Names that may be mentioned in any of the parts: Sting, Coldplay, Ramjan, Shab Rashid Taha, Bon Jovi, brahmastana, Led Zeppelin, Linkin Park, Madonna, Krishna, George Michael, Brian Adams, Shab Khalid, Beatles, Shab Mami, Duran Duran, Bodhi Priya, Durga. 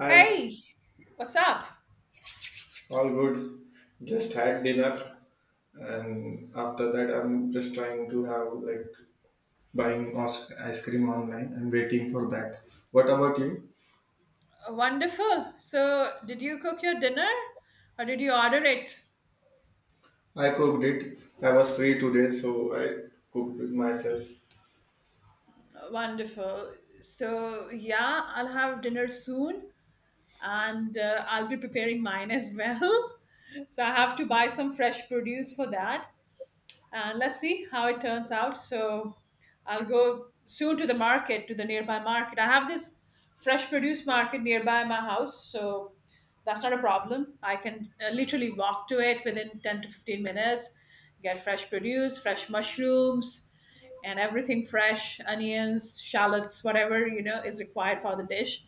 Hi, Hey, what's up? all good. Just had dinner, and after that, I'm just trying to have ice cream online and waiting for that. What about you? Wonderful. So, did you cook your dinner or did you order it? I cooked it. I was free today, so I cooked it myself. Wonderful. So, yeah, I'll have dinner soon and I'll be preparing mine as well. So, I have to buy some fresh produce for that. And let's see how it turns out. So I'll go soon to the market, to the nearby market. I have this fresh produce market nearby my house, so that's not a problem. I can literally walk to it within 10 to 15 minutes, get fresh produce, fresh mushrooms, and everything fresh onions, shallots, whatever is required for the dish.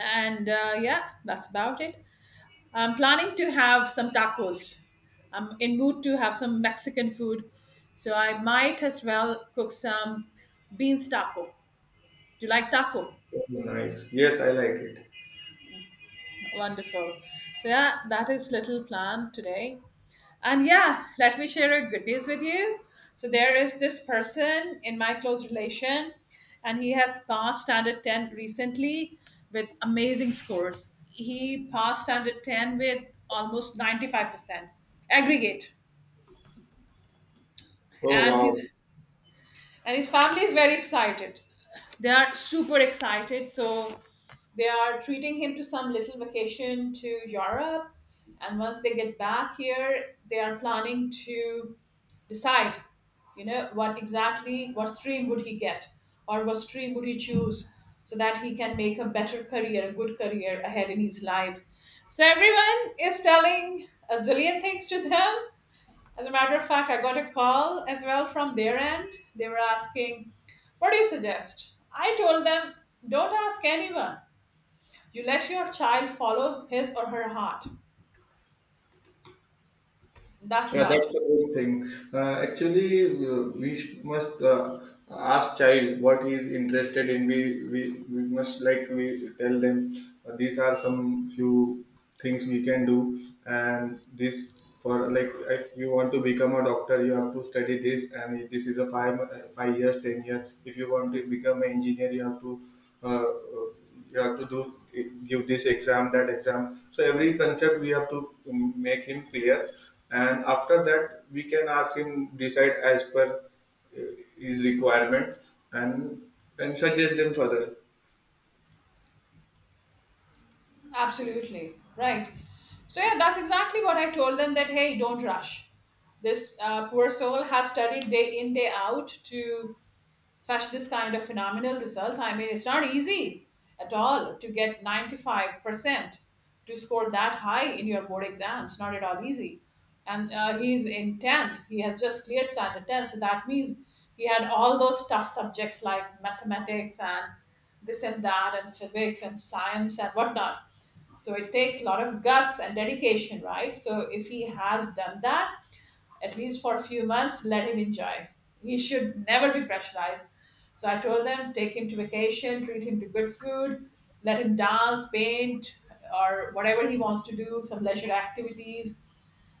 And yeah, that's about it. I'm planning to have some tacos. I'm in mood to have some Mexican food, so I might as well cook some beans taco. Do you like taco? Oh, nice. Yes, I like it. Wonderful. So yeah, that is little plan today. And yeah, let me share a good news with you. So there is this person in my close relation, and he has passed standard 10 recently with amazing scores. He passed standard 10 with almost 95% aggregate, Oh and wow. his and his family is very excited. They are super excited, so they are treating him to some little vacation to Europe. And once they get back here, they are planning to decide, you know, what stream would he get or what stream would he choose, so that he can make a better career, a good career ahead in his life. So everyone is telling a zillion things to them. As a matter of fact, I got a call as well from their end. They were asking, What do you suggest? I told them, Don't ask anyone. You let your child follow his or her heart. That's Yeah, about that's it. a good thing. Actually, we must ask child what he is interested in. We must, like, we tell them these are some few things we can do, and this for like if you want to become a doctor, you have to study this, and this is a 5 years, 10 years. If you want to become an engineer, you have to. Uh, uh, you have to do give this exam, that exam, so every concept we have to make him clear, and after that we can ask him decide as per uh, his requirement, and and suggest them further. Absolutely. Right. So, yeah, that's exactly what I told them that, hey, don't rush. This poor soul has studied day in, day out to fetch this kind of phenomenal result. I mean, it's not easy at all to get 95% to score that high in your board exams. Not at all easy. And he's in 10th. He has just cleared standard 10. So that means he had all those tough subjects like mathematics and this and that and physics and science and whatnot. So it takes a lot of guts and dedication, right? So if he has done that, at least for a few months, let him enjoy. He should never be pressurized. So I told them, take him to vacation, treat him to good food, let him dance, paint, or whatever he wants to do, some leisure activities.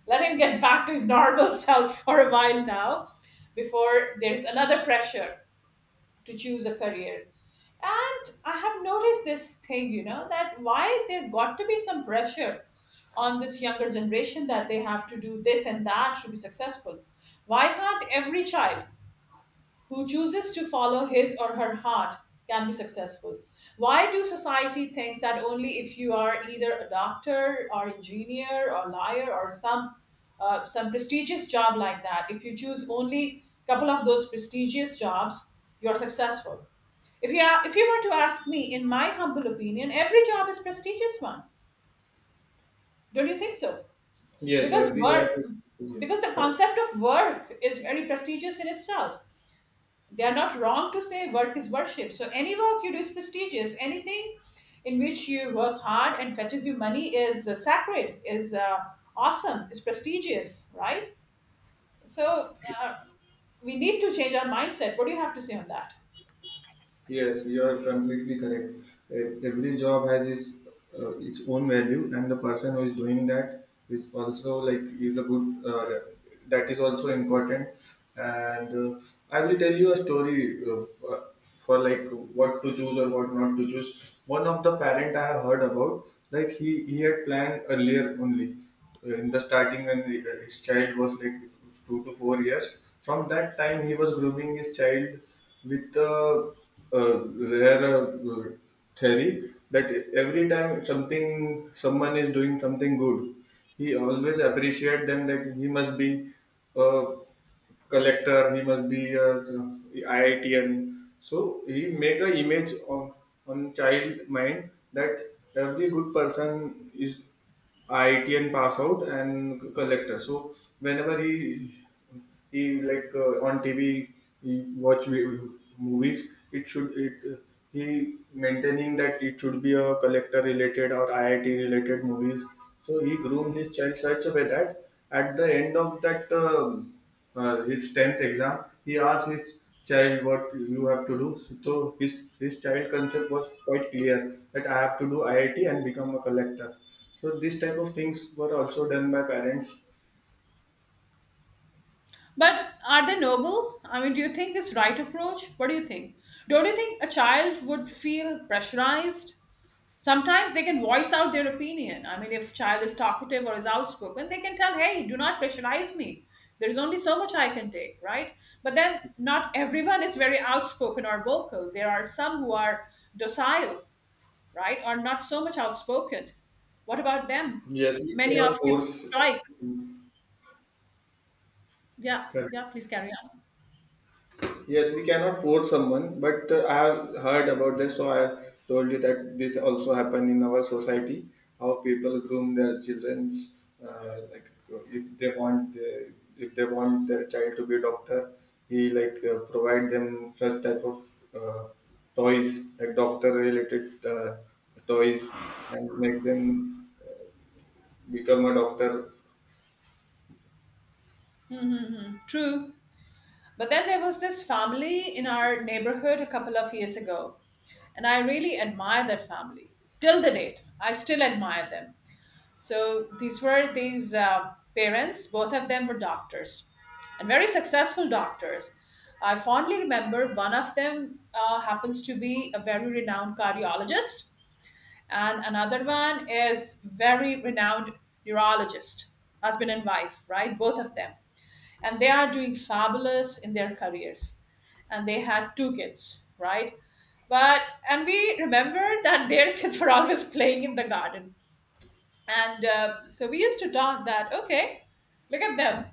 Let him get back to his normal self for a while now, before there's another pressure to choose a career. And I have noticed this thing, that why there got to be some pressure on this younger generation, that they have to do this and that to be successful. Why can't every child who chooses to follow his or her heart can be successful? Why do society thinks that only if you are either a doctor or engineer or lawyer or some prestigious job like that, if you choose only a couple of those prestigious jobs, you're successful. If you were to ask me, in my humble opinion, every job is prestigious one. Don't you think so? Yes, because every job work is- Yes, because the correct. concept of work is very prestigious in itself. They are not wrong to say work is worship. So any work you do is prestigious. Anything in which you work hard and fetches you money is sacred, is awesome, is prestigious, right? So uh, we need to change our mindset. What do you have to say on that? Yes, you are completely correct. Every job has its own value, and the person who is doing that is also like is a good. That is also important. And I will tell you a story of, uh, like, what to choose or what not to choose. One of the parent I have heard about, like he had planned earlier only, in the starting when the, his child was like 2 to 4 years. From that time, he was grooming his child with the rare theory that every time something someone is doing something good, he always appreciate them that he must be a collector, he must be a IITian. So he make a image on child mind that every good person is IITN pass out and collector. So whenever he like on TV he watch movies, it should it he maintaining that it should be a collector related or IIT related movies. So he groomed his child such a way that at the end of that his tenth exam, he asked his child what you have to do. So his child concept was quite clear that I have to do IIT and become a collector. So these type of things were also done by parents. But are they noble? I mean, do you think it's right approach? What do you think? Don't you think a child would feel pressurized? Sometimes they can voice out their opinion. I mean, if child is talkative or is outspoken, they can tell, hey, do not pressurize me. There's only so much I can take, right? But then not everyone is very outspoken or vocal. There are some who are docile, right, or not so much outspoken. What about them? Yes, we Many cannot of kids force. strike. Yeah, Correct. yeah, please carry on. Yes, we cannot force someone, but I have heard about this, so I told you that this also happen in our society. How people groom their childrens, like if they want, uh, if they want their child to be a doctor, he like provide them such type of uh, toys, like doctor related toys, and make them become a doctor. True. But then there was this family in our neighborhood a couple of years ago, and I really admire that family. Till the date, I still admire them. So these were these parents, both of them were doctors, and very successful doctors. I fondly remember one of them happens to be a very renowned cardiologist, and another one is very renowned neurologist, husband and wife, right? Both of them, and they are doing fabulous in their careers, and they had two kids, right? but And we remember that their kids were always playing in the garden, and so we used to talk that, okay, look at them.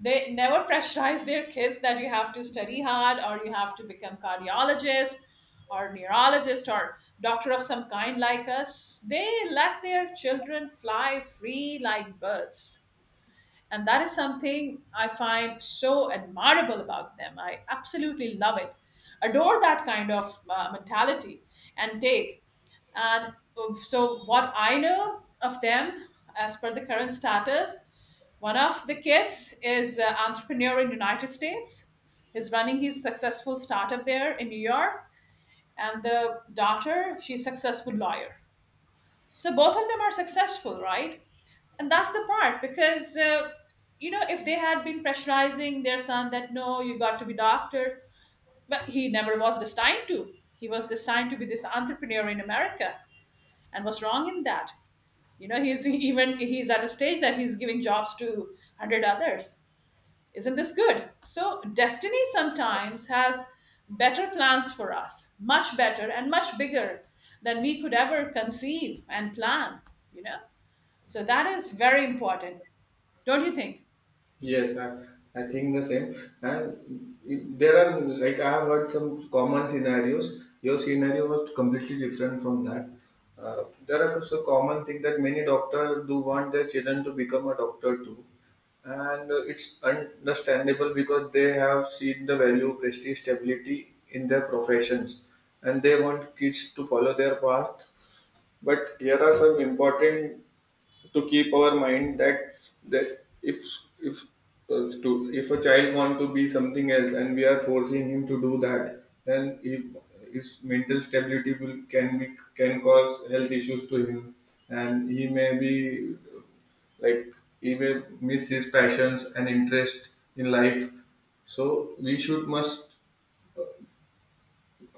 They never pressurize their kids that you have to study hard or you have to become cardiologist or neurologist or doctor of some kind like us. They let their children fly free like birds, and that is something I find so admirable about them. I absolutely love it. Adore that kind of mentality and take. And so, what I know of them, as per the current status, one of the kids is an entrepreneur in United States. He's running his successful startup there in New York. And the daughter, she's successful lawyer. So both of them are successful, right? And that's the part, because if they had been pressurizing their son that, no, you got to be doctor, but he never was destined to, he was destined to be this entrepreneur in America, and was wrong in that. He's even he's at a stage that he's giving jobs to 100 others. Isn't this good? So destiny sometimes has better plans for us, much better and much bigger than we could ever conceive and plan you know so that is very important. Don't you think? Yes, I think the same. And it- there are like I have heard some common scenarios. Your scenario was completely different from that. There are also common thing that many doctors do want their children to become a doctor too, and it's understandable because they have seen the value, prestige, stability in their professions, and they want kids to follow their path. But here are some important to keep our mind that that if if to if a child want to be something else and we are forcing him to do that, then he, his mental stability will can be, can cause health issues to him, and he may be like he may miss his passions and interest in life. So we should must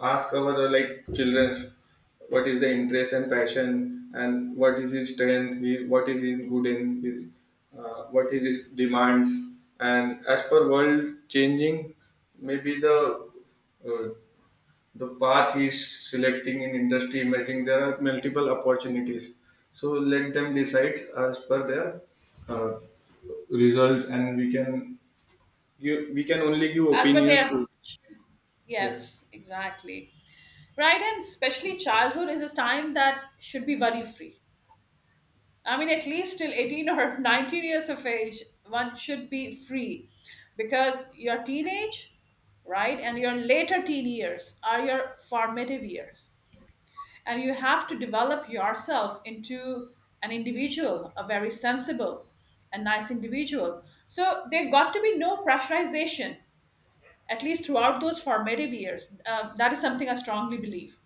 ask our like children's what is the interest and passion, and what is his strength, he, what is his good in his, what is his demands, and as per world changing, maybe uh, the path he is selecting in industry making, there are multiple opportunities. So let them decide as per their uh, results, and we can, you, we can only give As per opinions their to. Yeah. yes, exactly. Right, and especially childhood is a time that should be worry free. I mean, at least till 18 or 19 years of age, one should be free, because your teenage, right, and your later teen years are your formative years. And you have to develop yourself into an individual, a very sensible and nice individual. So there got to be no pressurization, at least throughout those formative years. That is something I strongly believe.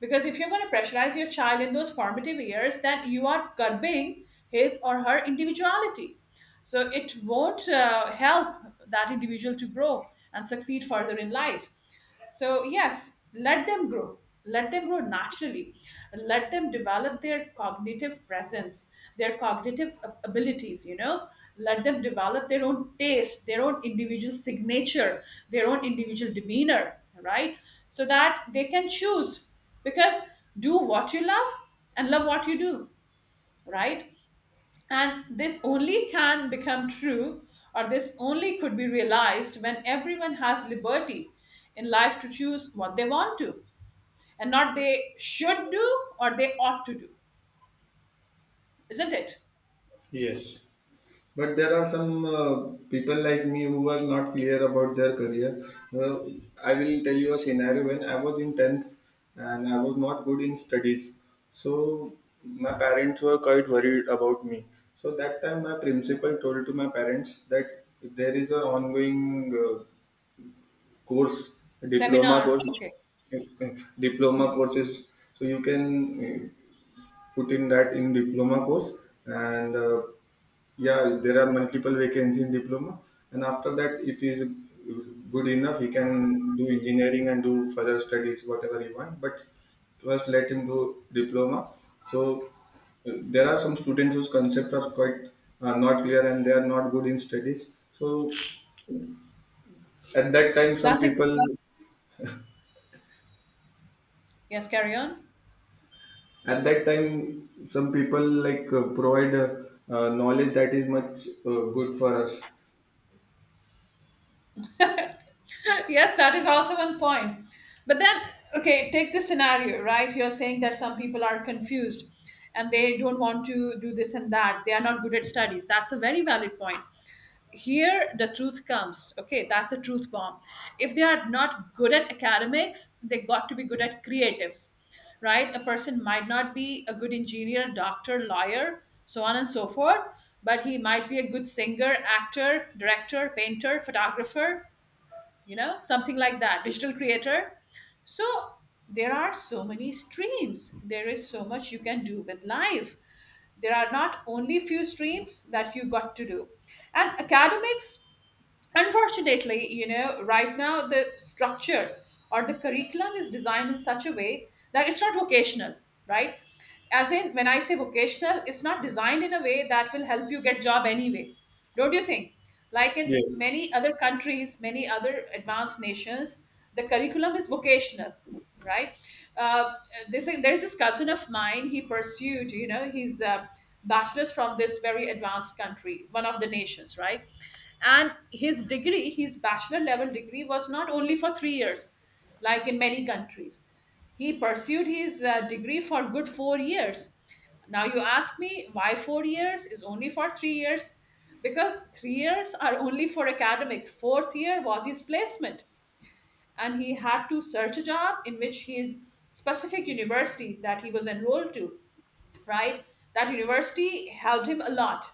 Because if you're going to pressurize your child in those formative years, then you are curbing his or her individuality. So it won't help that individual to grow and succeed further in life. So, yes, let them grow. Let them grow naturally. Let them develop their cognitive presence, their cognitive abilities. Let them develop their own taste, their own individual signature, their own individual demeanor, right? So that they can choose, because do what you love and love what you do, right? And this only can become true, or this only could be realized when everyone has liberty in life to choose what they want to, and not they should do or they ought to do, isn't it? Yes. But there are some people like me who are not clear about their career. Uh, I will tell you a scenario when I was in 10th and I was not good in studies. So my parents were quite worried about me. So that time my principal told to my parents that if there is an ongoing course, diploma Seminar course, okay. diploma courses, so you can uh, put in that in diploma course, and yeah, there are multiple vacancies in diploma, and after that if he's good enough he can do engineering and do further studies whatever he want, but first let him do diploma. So there are some students whose concepts are quite not clear and they are not good in studies, so at that time some That's it. people Yes, carry on. at that time some people like provide knowledge that is much good for us. Yes, that is also one point. But then, okay, take this scenario, right? You're saying that some people are confused and they don't want to do this and that. They are not good at studies. That's a very valid point. Here, the truth comes. Okay, that's the truth bomb. If they are not good at academics, they got to be good at creatives, right? A person might not be a good engineer, doctor, lawyer, so on and so forth, but he might be a good singer, actor, director, painter, photographer, something like that, digital creator. So there are so many streams. There is so much you can do with life. There are not only few streams that you got to do, and academics. Unfortunately, right now the structure or the curriculum is designed in such a way that it's not vocational, right? As in, when I say vocational, it's not designed in a way that will help you get job anyway. Don't you think? Like in Yes. many other countries, many other advanced nations, the curriculum is vocational, right? Uh, this there's this cousin of mine. He pursued, his bachelor's from this very advanced country, one of the nations, right? And his degree his bachelor level degree was not only for 3 years like in many countries. He pursued his degree for good 4 years. Now you ask me why 4 years is only for 3 years. Because 3 years are only for academics, fourth year was his placement, and he had to search a job in which his specific university that he was enrolled to, right? That university helped him a lot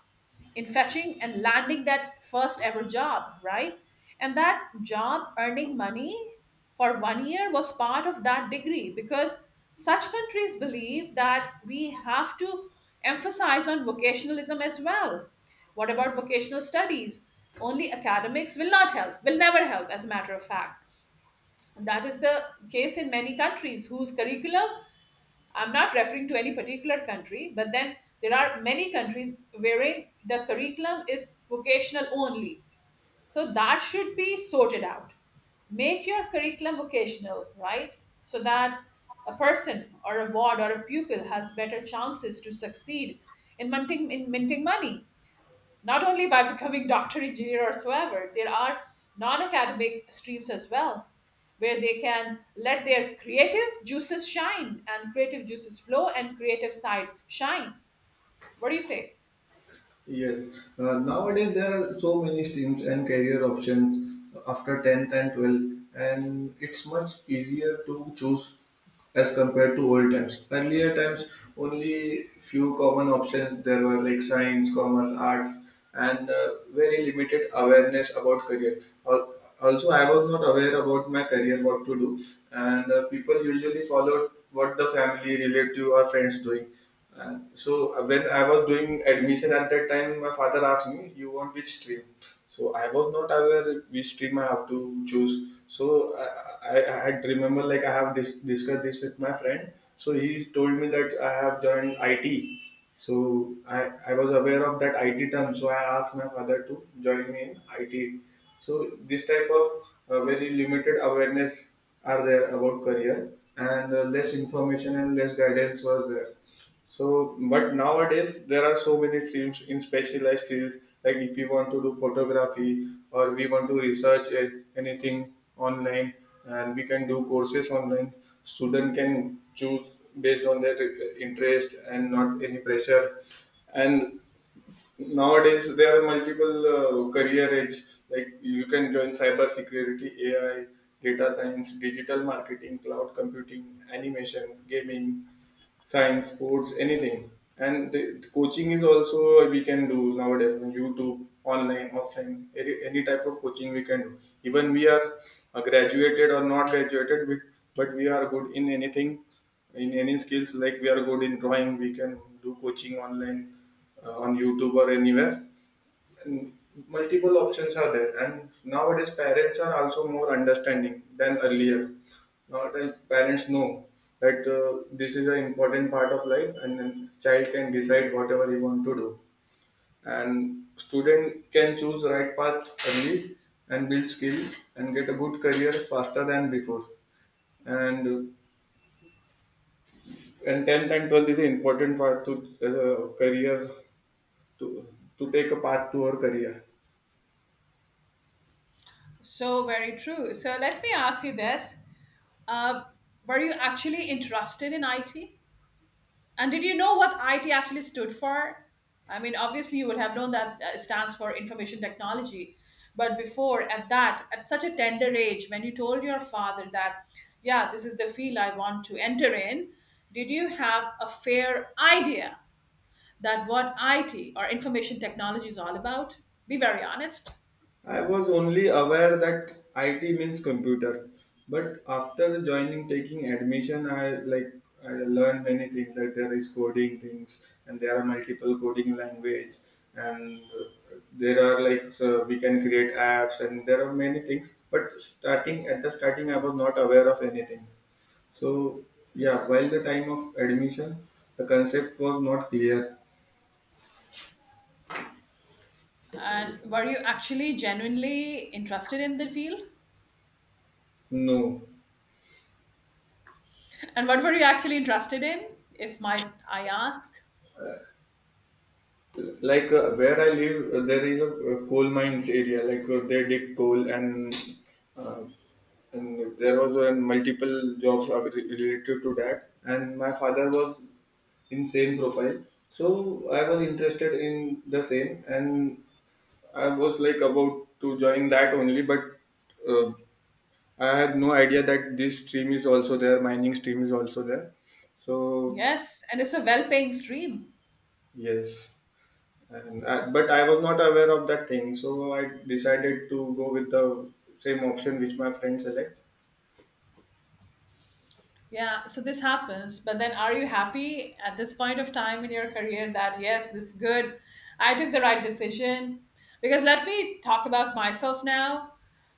in fetching and landing that first ever job, right? And that job earning money for 1 year was part of that degree, because such countries believe that we have to emphasize on vocationalism as well. What about vocational studies? Only academics will not help, will never help, as a matter of fact. That is the case in many countries whose curriculum, I'm not referring to any particular country, but then there are many countries wherein the curriculum is vocational only. So that should be sorted out. Make your curriculum vocational, right? So that a person or a ward or a pupil has better chances to succeed in minting money, not only by becoming doctor, engineer, or whatsoever. There are non-academic streams as well, where they can let their creative juices shine and creative juices flow and creative side shine. What do you say? Yes, nowadays there are so many streams and career options after 10th and 12th, and it's much easier to choose as compared to old times. Earlier times, only few common options there were like science, commerce, arts, and very limited awareness about career. Al- Also, I was not aware about my career, what to do, and people usually followed what the family, relative, or friends doing. And so when I was doing admission at that time, my father asked me, "You want which stream?" So I was not aware which stream I have to choose. So I had remember like I have discussed this with my friend. So he told me that I have joined IT, so I was aware of that IT term, so I asked my father to join me in IT. So this type of very limited awareness are there about career, and less information and less guidance was there. So, but nowadays there are so many streams in specialized fields. Like if we want to do photography or we want to research, eh, anything online, and we can do courses online. Student can choose based on their, eh, interest and not any pressure. And nowadays there are multiple career edge. Like you can join cyber security, AI, data science, digital marketing, cloud computing, animation, gaming, science, sports, anything. And the coaching is also we can do nowadays on YouTube, online, offline, any type of coaching we can do. Even we are graduated or not graduated, we, but we are good in anything, in any skills. Like we are good in drawing, we can do coaching online, on YouTube or anywhere. Multiple options are there, and nowadays parents are also more understanding than earlier. Nowadays parents know that this is an important part of life, and then child can decide whatever he want to do, and student can choose right path early and build skill and get a good career faster than before. And 10th and 12th is an important part to as a career to to take a path to our career. So very true. So let me ask you this: uh, were you actually interested in IT? And did you know what IT actually stood for? I mean, obviously, you would have known that it stands for information technology. But before, at at such a tender age, when you told your father that, yeah, this is the field I want to enter in, did you have a fair idea that what IT or information technology is all about? Be very honest. I was only aware that IT means computer, but after joining taking admission, I like I learned many things. Like there is coding things, and there are multiple coding language, and there are like so we can create apps, and there are many things. But starting at the starting, I was not aware of anything. So yeah, while the time of admission, the concept was not clear. And were you actually genuinely interested in the field? No, And what were you actually interested in, if might I ask? like where I live, there is a coal mines area, like they dig coal, and uh, there was, multiple jobs are related to that, and my father was in same profile, so I was interested in the same, and I was like about to join that only, but uh, I had no idea that this stream is also there, mining stream is also there. So Yes, and it's a well-paying stream. yes, and I, but I was not aware of that thing, so I decided to go with the same option which my friend selects. Yeah, so this happens, but then are you happy at this point of time in your career that yes, this is good. I took the right decision. Because let me talk about myself now.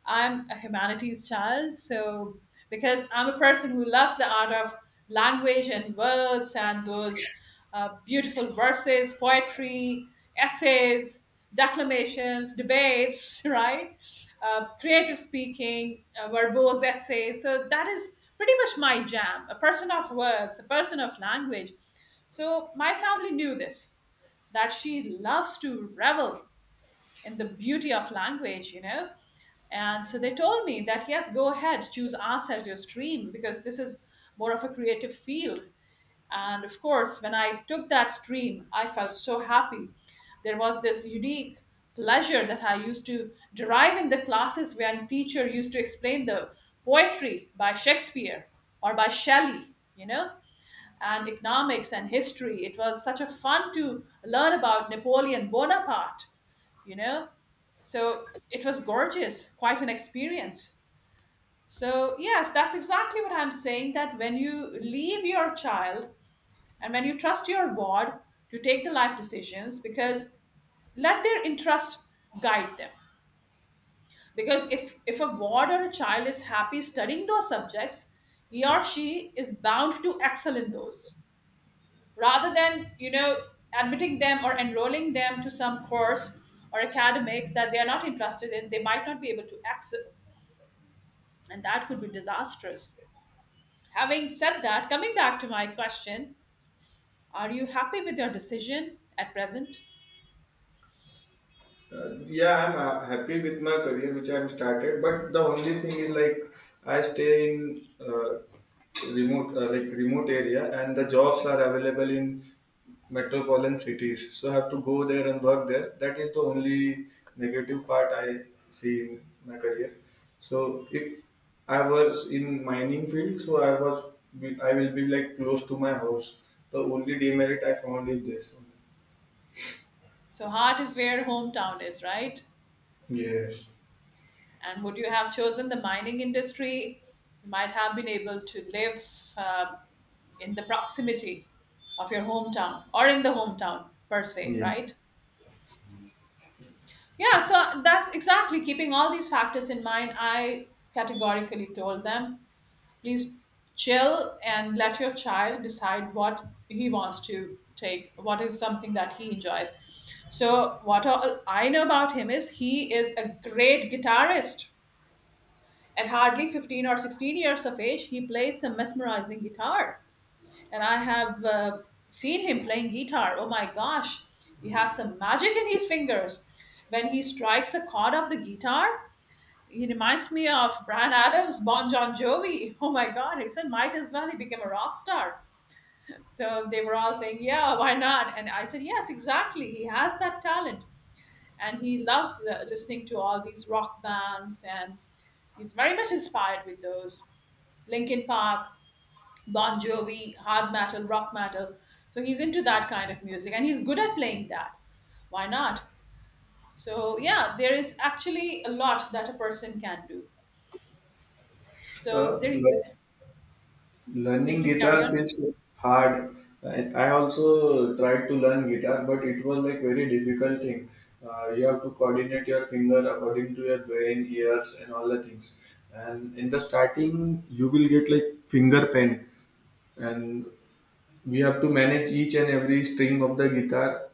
I'm a humanities child, so because I'm a person who loves the art of language and words and those beautiful verses, poetry, essays, declamations, debates, right? Creative speaking, verbose essays. So that is pretty much my jam. A person of words, a person of language. So my family knew this that she loves to revel in the beauty of language, you know. And so they told me that yes, go ahead, choose arts as your stream because this is more of a creative field. And of course, when I took that stream, I felt so happy. There was this unique pleasure that I used to derive in the classes when teacher used to explain the poetry by Shakespeare or by Shelley, you know, and economics and history. It was such a fun to learn about Napoleon Bonaparte, you know. So it was gorgeous, quite an experience. So, yes, that's exactly what I'm saying that when you leave your child and when you trust your ward to take the life decisions, because let their interest guide them. Because if a ward or a child is happy studying those subjects, he or she is bound to excel in those, rather than you know admitting them or enrolling them to some course or academics that they are not interested in. They might not be able to excel, and that could be disastrous. Having said that, coming back to my question, are you happy with your decision at present? Yeah, I'm happy with my career which I'm started, but the only thing is like I stay in remote like remote area, and the jobs are available in metropolitan cities. So I have to go there and work there. That is the only negative part I see in my career. So if I was in mining field, so I will be like close to my house. The only demerit I found is this. So heart is where hometown is, right? Yes. And would you have chosen the mining industry, you might have been able to live uh, in the proximity of your hometown or in the hometown per se, Yeah. right? Yeah, so that's exactly keeping all these factors in mind. I categorically told them, please chill and let your child decide what he wants to take, what is something that he enjoys. So what all I know about him is he is a great guitarist. At hardly 15 or 16 years of age, he plays some mesmerizing guitar, and I have seen him playing guitar. Oh my gosh, he has some magic in his fingers. When he strikes a chord of the guitar, he reminds me of Brian Adams, Bon John Jovi. Oh my God, he said, might as well he became a rock star. So they were all saying, yeah, why not? And I said, yes, exactly. He has that talent. And he loves listening to all these rock bands. And he's very much inspired with those. Linkin Park, Bon Jovi, hard metal, rock metal. So he's into that kind of music and he's good at playing that. Why not? So, yeah, there is actually a lot that a person can do. So, Uh, there, yes, Learning please carry guitar on. feels hard. I also tried to learn guitar, but it was like very difficult thing. You have to coordinate your finger according to your brain, ears, and all the things. And in the starting, you will get like finger pain, and we have to manage each and every string of the guitar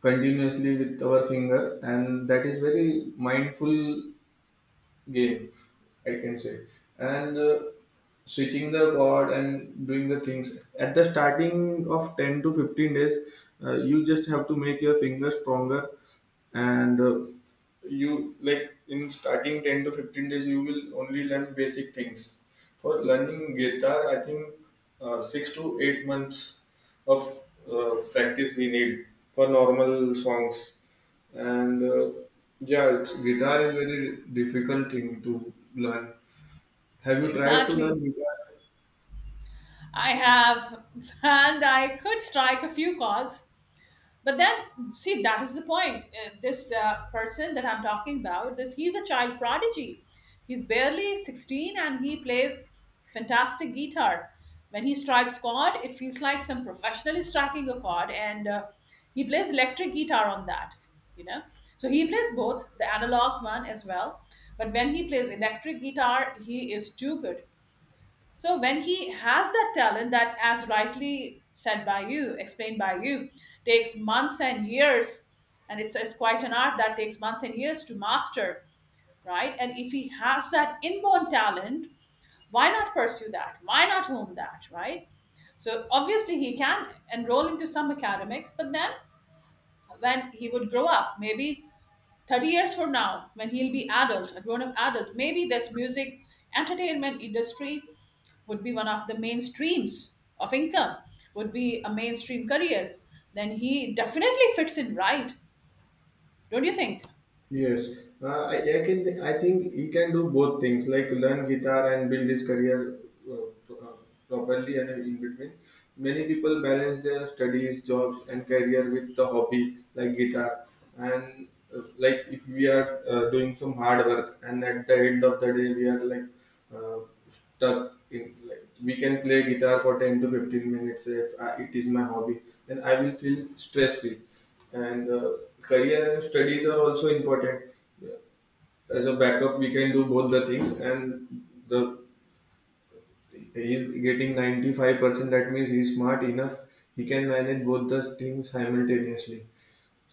continuously with our finger, and that is very mindful game, I can say. And Switching the god and doing the things at the starting of 10 to 15 days, you just have to make your finger stronger, and you like in starting 10 to 15 days you will only learn basic things. For learning guitar, I think 6 to 8 months of practice we need for normal songs. And uh, yeah, it's, guitar is very difficult thing to learn. Have you tried to learn Exactly. guitar? I have, and I could strike a few calls. But then, see, that is the point. This person that I'm talking about, this he's a child prodigy. He's barely 16 and he plays fantastic guitar. When he strikes chord, it feels like some professional is striking a chord, and he plays electric guitar on that. You know, so he plays both the analog one as well. But when he plays electric guitar, he is too good. So when he has that talent that, as rightly said by you, explained by you, takes months and years, and it's quite an art that takes months and years to master, right? And if he has that inborn talent, why not pursue that? Why not hone that, right? So obviously he can enroll into some academics, but then when he would grow up, maybe 30 years from now, when he'll be adult, a grown up adult, maybe this music entertainment industry would be one of the main streams of income, would be a mainstream career. Then he definitely fits in, right? Don't you think? Yes, I can. I think he can do both things, like learn guitar and build his career uh, pro- uh, properly, and in between. Many people balance their studies, jobs, and career with the hobby like guitar. And Like if we are doing some hard work, and at the end of the day we are like uh, stuck in, like, we can play guitar for 10 to 15 minutes. If I, It is my hobby, then I will feel stress free. And Career and studies are also important. As a backup, we can do both the things, and the he's getting 95%. That means he's smart enough. He can manage both the things simultaneously.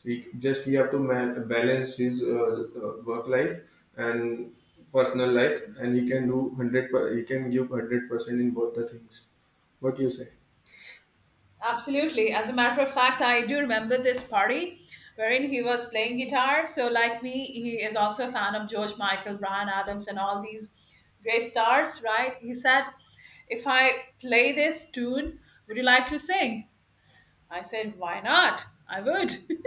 He have to balance his work life and personal life, and he can do hundred. Per. He can give 100% in both the things. What you say? Absolutely. As a matter of fact, I do remember this party wherein he was playing guitar. So, like me, he is also a fan of George Michael, Brian Adams, and all these great stars, right? He said, if I play this tune, would you like to sing? I said, why not? I would.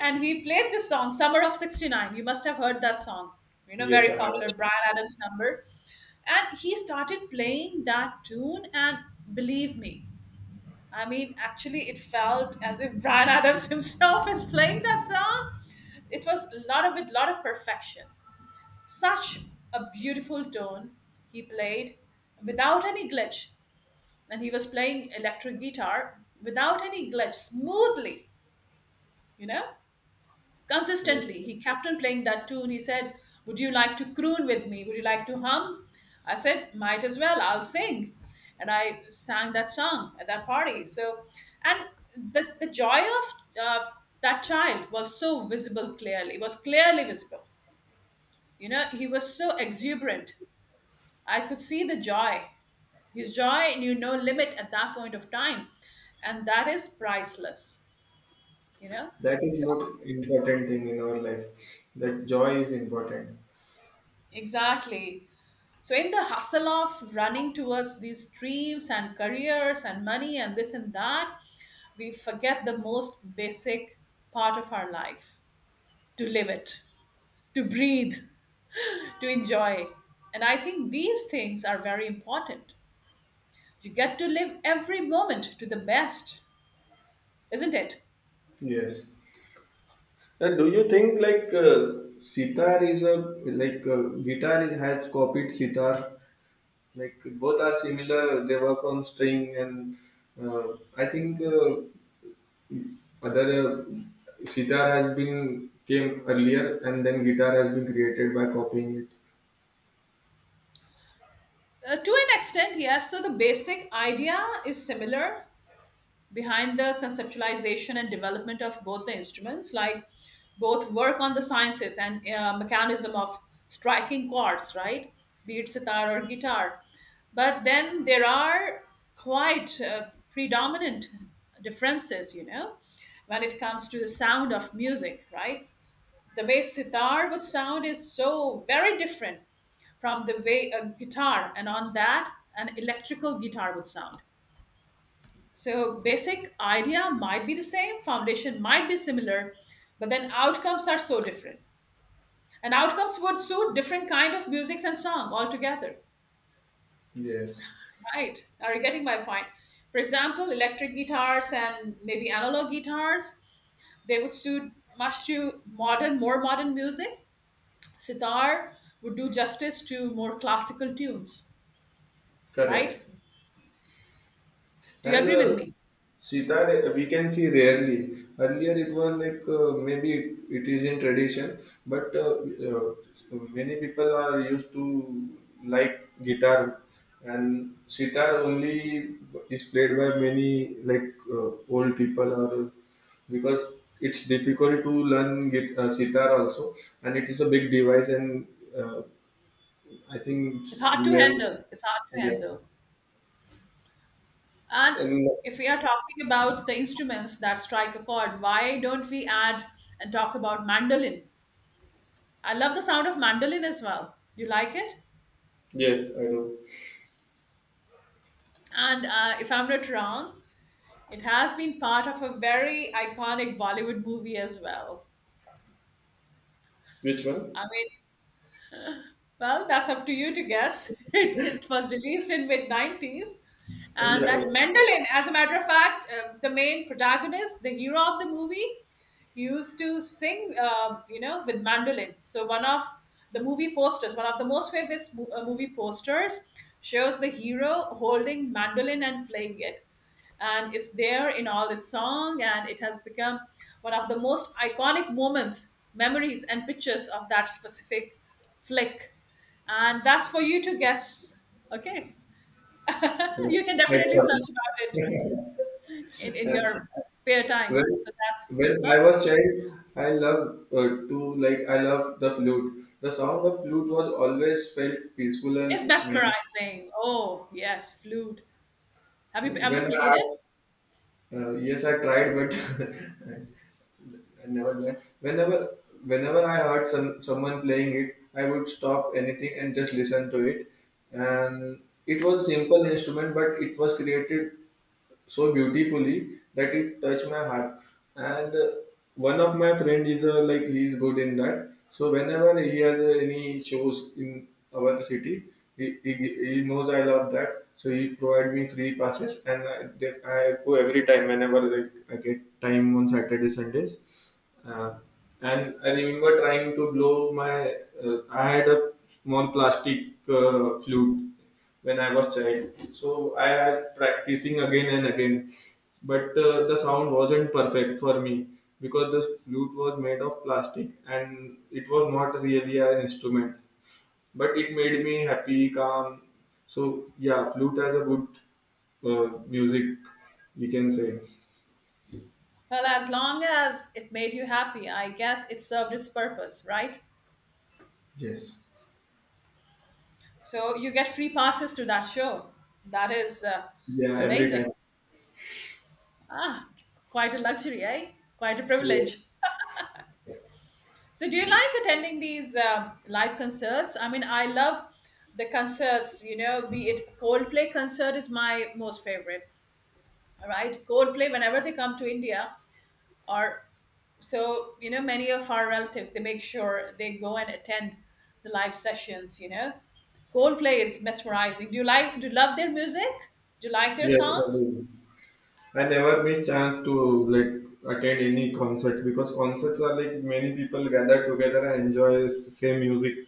And he played this song, Summer of 69. You must have heard that song. You know, Yes, very I have. popular Brian Adams number. And he started playing that tune, and believe me, I mean, actually, it felt as if Brian Adams himself is playing that song. It was a lot of it, lot of perfection. Such a beautiful tone he played without any glitch, and he was playing electric guitar without any glitch, smoothly, you know, Yeah. consistently. He kept on playing that tune. He said, would you like to croon with me? Would you like to hum? I said, might as well, I'll sing. And I sang that song at that party. So, and the joy of that child was so visible clearly, it was clearly visible. You know, he was so exuberant, I could see the joy. His joy knew no limit at that point of time. And that is priceless, you know? That is So, most important thing in our life. That joy is important. exactly. So, in the hustle of running towards these dreams and careers and money and this and that, we forget the most basic part of our life, to live it, to breathe, to enjoy. And I think these things are very important. You get to live every moment to the best, isn't it? Yes. Now, do you think like sitar is a like uh, guitar has copied sitar? Like both are similar. They work on string, and I think Other sitar has been came earlier, and then guitar has been created by copying it. To an extent, yes. So the basic idea is similar behind the conceptualization and development of both the instruments, like both work on the sciences and mechanism of striking chords, right? Be it sitar or guitar. But then there are quite predominant differences, you know, when it comes to the sound of music, right? The way sitar would sound is so very different from the way a guitar, and on that an electrical guitar, would sound. So basic idea might be the same, foundation might be similar, but then outcomes are so different. And outcomes would suit different kind of musics and song altogether. Yes, Right. Are you getting my point? For example, electric guitars and maybe analog guitars, they would suit much to modern, more modern music. Sitar would do justice to more classical tunes, right? correct. Do you And agree with the me? sitar we can see rarely. Earlier it was like maybe it is in tradition, but uh, many people are used to like guitar, and sitar only is played by many like old people or because it's difficult to learn sitar also, and it is a big device, and uh, I think It's hard we to were handle. It's hard to yeah. handle. And and if we are talking about the instruments that strike a chord, why don't we add and talk about mandolin? I love the sound of mandolin as well. Do you like it? Yes, I do. And if I'm not wrong, it has been part of a very iconic Bollywood movie as well. Which one? I mean, well, that's up to you to guess. It was released in mid 90s. And Yeah. that Mendelin, as a matter of fact, the main protagonist, the hero of the movie, used to sing, you know, with mandolin. So one of the movie posters, one of the most famous movie posters shows the hero holding mandolin and playing it, and it's there in all its song, and it has become one of the most iconic moments, memories and pictures of that specific flick. And that's for you to guess. Okay. Yeah. You can That's definitely search funny. about it in your spare time, When, so that's... when Huh? I was child, I love to like I love the flute. The sound of flute was always felt peaceful It's and magic. mesmerizing. Oh yes, flute. Have you ever When played I it? Yes, I tried, but I never learned. Whenever I heard someone playing it, I would stop anything and just listen to it. And it was a simple instrument, but it was created so beautifully that it touched my heart, and one of my friend is like he's good in that, so whenever he has any shows in our city, he, he, he knows I love that, so he provide me free passes, and I go every time whenever, like, I get time on Saturday Sundays. uh, and I remember trying to blow my. I had a small plastic flute when I was child, so I had practicing again and again. But the sound wasn't perfect for me because the flute was made of plastic and it was not really an instrument. But it made me happy, calm. So yeah, flute has a good music, we can say. Well, as long as it made you happy, I guess it served its purpose, right? Yes. So you get free passes to that show. That is, Yeah, every amazing. time. Ah, quite a luxury, eh? Quite a Yes. privilege. So do you like attending these live concerts? I mean, I love the concerts, you know. Be it Coldplay, concert is my most favorite. All right. Coldplay, whenever they come to India, or, so you know, many of our relatives, they make sure they go and attend the live sessions, you know. Coldplay is mesmerizing. Do you like, do you love their music? Do you like their Yes, I songs? do. I never miss chance to like attend any concert because concerts are like many people gather together and enjoy the same music.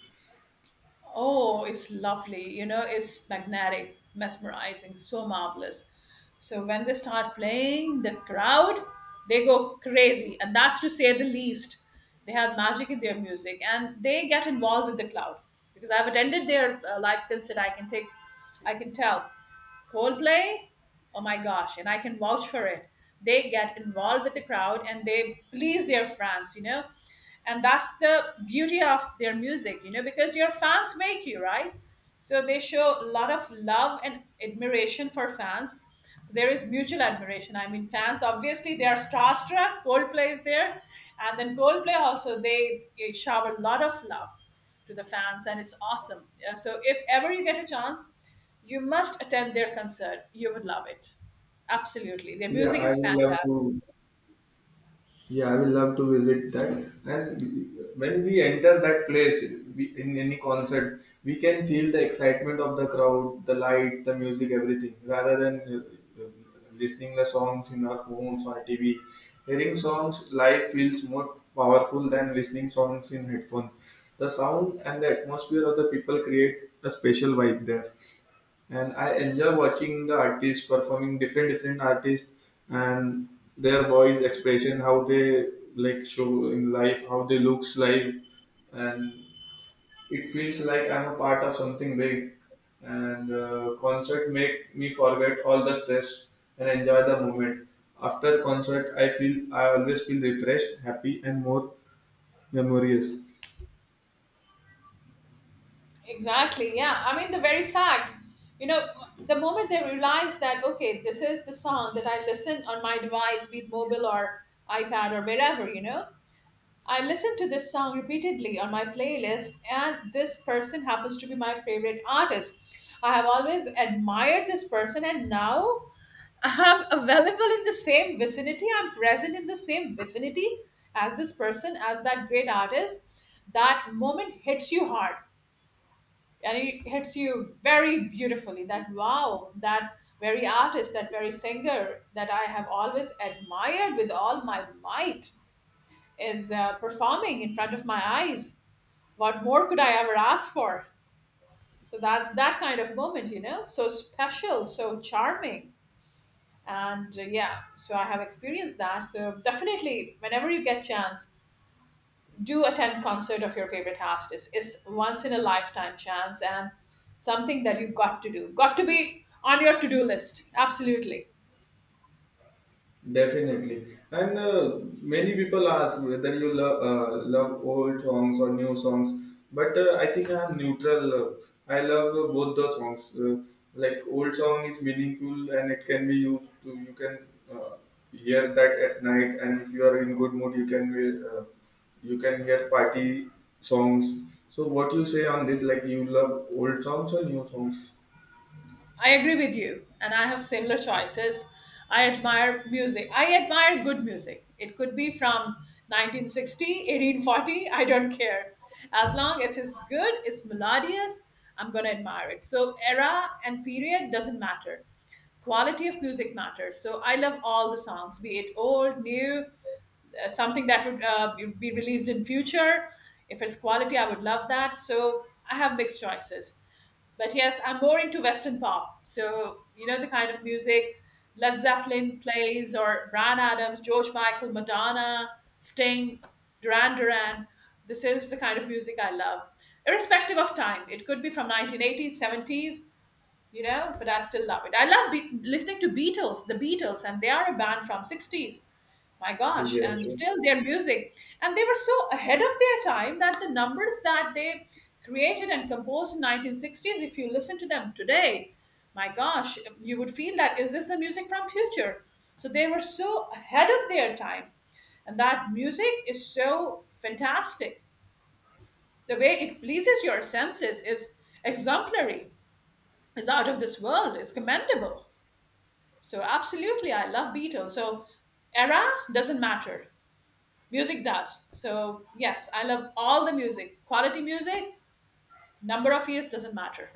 Oh, it's lovely. You know, it's magnetic, mesmerizing, so marvelous. So when they start playing, the crowd, they go crazy. And that's to say the least. They have magic in their music and they get involved with the crowd. Because I've attended their, live concert, I can take, I can tell. Coldplay, oh my gosh, and I can vouch for it. They get involved with the crowd and they please their fans, you know, and that's the beauty of their music, you know, because your fans make you, right? So they show a lot of love and admiration for fans. So there is mutual admiration. I mean, fans obviously, they are starstruck, Coldplay is there, and then Coldplay also, they shower a lot of love to the fans, and it's awesome. Yeah, so if ever you get a chance, you must attend their concert, you would love it, absolutely. Their Yeah, music I is would love fantastic. to. Yeah, I will love to visit that. And when we enter that place, we, in any concert, we can feel the excitement of the crowd, the lights, the music, everything. Rather than listening the songs in our phones or TV, hearing songs live feels more powerful than listening songs in headphones. The sound and the atmosphere of the people create a special vibe there, and I enjoy watching the artists performing, different different artists, and their voice expression, how they like show in life, how they looks live, and it feels like I'm a part of something big. And Concert make me forget all the stress and enjoy the moment. After concert, I always feel refreshed, happy, and more memorious. Exactly. Yeah. I mean, the very fact, you know, the moment they realize that, okay, this is the song that I listen on my device, be it mobile or iPad or wherever, you know, I listen to this song repeatedly on my playlist, and this person happens to be my favorite artist. I have always admired this person, and now I'm available in the same vicinity, I'm present in the same vicinity as this person, as that great artist. That moment hits you hard, and it hits you very beautifully. That wow, that very artist, that very singer that I have always admired with all my might is, performing in front of my eyes. What more could I ever ask for? So that's that kind of moment, you know, so special, so charming. And, yeah, so I have experienced that. So definitely, whenever you get chance, do attend concert of your favorite artist. It's once in a lifetime chance, and something that you've got to do, got to be on your to-do list, absolutely. Definitely, and many people ask whether you love love old songs or new songs. But I think I'm neutral. I love both the songs. Like old song is meaningful and it can be used to. You can hear that at night, and if you are in good mood, you can you can hear party songs. So what you say on this? Like you love old songs or new songs? I agree with you and I have similar choices. I admire music, I admire good music. It could be from 1960, 1840, I don't care. As long as it's good, it's melodious, I'm going to admire it. So era and period doesn't matter, quality of music matters. So I love all the songs, be it old, new, something that would, be released in future. If it's quality, I would love that. So I have mixed choices. But yes, I'm more into Western pop. So, you know, the kind of music Led Zeppelin plays, or Brian Adams, George Michael, Madonna, Sting, Duran Duran. This is the kind of music I love, irrespective of time. It could be from 1980s, 70s, you know, but I still love it. I love listening to Beatles, the Beatles, and they are a band from 60s. My gosh, Yes, and still their music, and they were so ahead of their time that the numbers that they created and composed in 1960s, if you listen to them today, my gosh, you would feel, that is this the music from future? So they were so ahead of their time, and that music is so fantastic. The way it pleases your senses is exemplary, is out of this world, is commendable. So absolutely, I love Beatles. So era doesn't matter, music does. So yes, I love all the music. Quality music, number of years doesn't matter.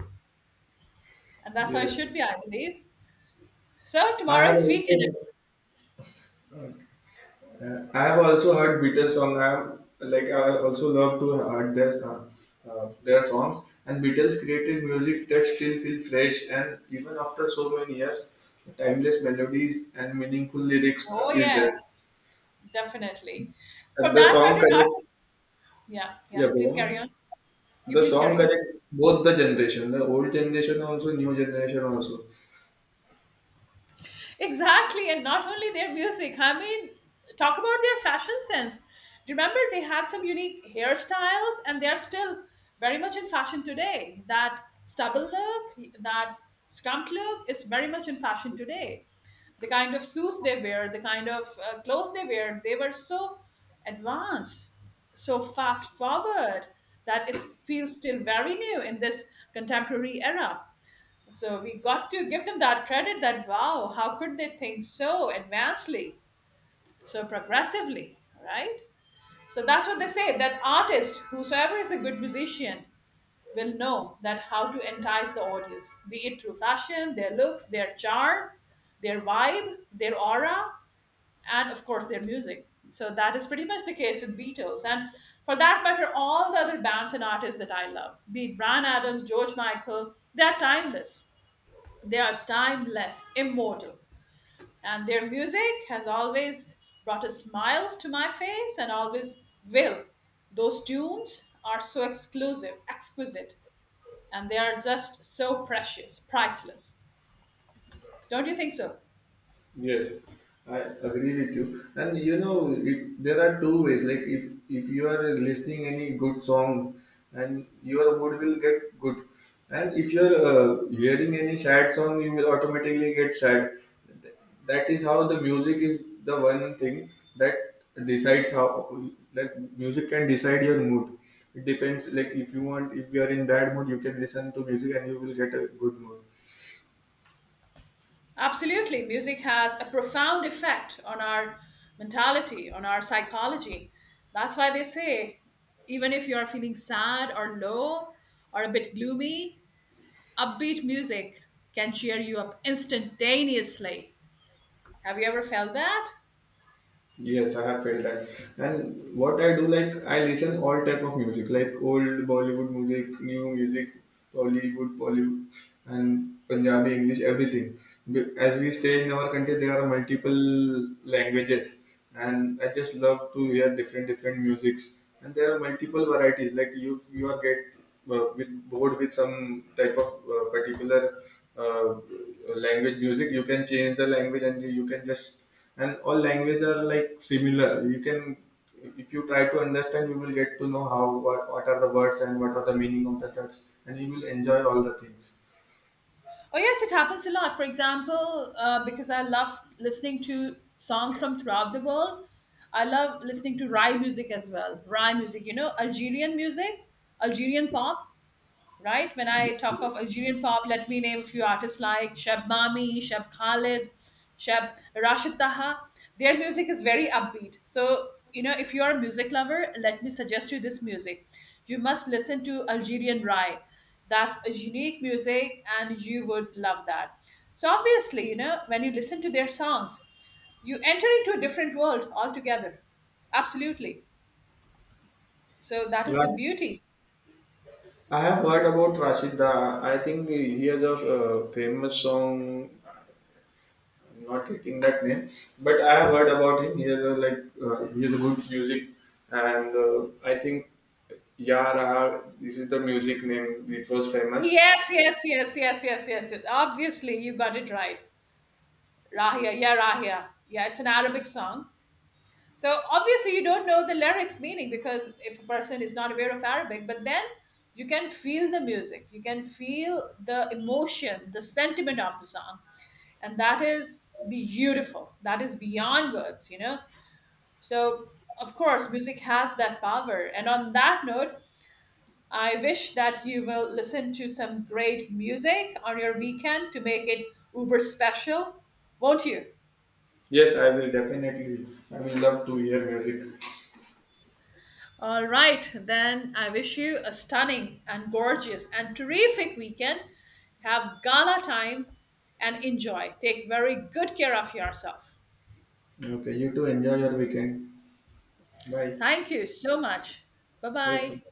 And that's how it should yes. be, I believe. So I tomorrow have is weekend. also. I have also heard Beatles song. I also love to heard their songs. And Beatles created music that still feel fresh, and even after so many years, timeless melodies and meaningful lyrics Oh is there. yes, definitely. For And the that song matter, not... connect. Yeah, yeah. Yeah, Please go carry on. on. You The please song carry on. connect both the generation, the old generation also, new generation also. Exactly, and not only their music. I mean, talk about their fashion sense. Remember, they had some unique hairstyles, and they're still very much in fashion today. That stubble look, that scrumped look, is very much in fashion today. The kind of suits they wear, the kind of, clothes they wear, they were so advanced, so fast forward that it feels still very new in this contemporary era. So we got to give them that credit, that wow, how could they think so advancedly, so progressively, right? So that's what they say, that artist, whosoever is a good musician, will know that how to entice the audience, be it through fashion, their looks, their charm, their vibe, their aura, and of course their music. So that is pretty much the case with Beatles, and for that matter, all the other bands and artists that I love, be it Brian Adams, George Michael, they are timeless. They are timeless, immortal, and their music has always brought a smile to my face and always will. Those tunes are so exclusive, exquisite, and they are just so precious, priceless. Don't you think so? Yes, I agree with you. And you know, it, there are two ways. Like if you are listening any good song, and your mood will get good, and if you are hearing any sad song, you will automatically get sad. Th- That is how the music is the one thing that decides how, like, music can decide your mood. It depends. Like if you want, if you are in bad mood, you can listen to music and you will get a good mood. Absolutely. Music has a profound effect on our mentality, on our psychology. That's why they say, even if you are feeling sad or low or a bit gloomy, upbeat music can cheer you up instantaneously. Have you ever felt that? Yes, I have felt that. And what I do, like I listen all type of music, like old Bollywood music, new music, Hollywood, Bollywood, and Punjabi, English, everything. As we stay in our country, there are multiple languages, and I just love to hear different different musics. And there are multiple varieties. Like you are get bored with some type of particular uh, language music, you can change the language, and you can just. And all language are like similar, you can, if you try to understand, you will get to know how, what are the words and what are the meaning of the words, and you will enjoy all the things. Oh, yes, it happens a lot. For example, because I love listening to songs from throughout the world, I love listening to Rai music as well. Rai music, you know, Algerian music, Algerian pop. Right? When I talk of Algerian pop, let me name a few artists like Shab Mami, Shab Khalid, Shab Rashid Taha. Their music is very upbeat. So, you know, if you're a music lover, let me suggest you this music. You must listen to Algerian Rai. That's a unique music and you would love that. So, obviously, you know, when you listen to their songs, you enter into a different world altogether. Absolutely. So, that is the Ras- beauty. I have heard about Rashida. I think he has a famous song. I'm not getting that name, but I have heard about him. He has a like he has a good music, and I think, yeah, Raha, this is the music name which was famous. Yes, yes, yes, yes, yes, yes, yes. Obviously, you got it right. Rahia. Yeah, it's an Arabic song. So obviously, you don't know the lyrics meaning because if a person is not aware of Arabic, but then you can feel the music, you can feel the emotion, the sentiment of the song. And that is beautiful. That is beyond words, you know? So, of course, music has that power. And on that note, I wish that you will listen to some great music on your weekend to make it uber special, won't you? Yes, I will definitely. I will love to hear music. All right, then I wish you a stunning and gorgeous and terrific weekend. Have gala time and enjoy. Take very good care of yourself. Okay, you too enjoy your weekend. Bye. Thank you so much. Bye bye. Welcome.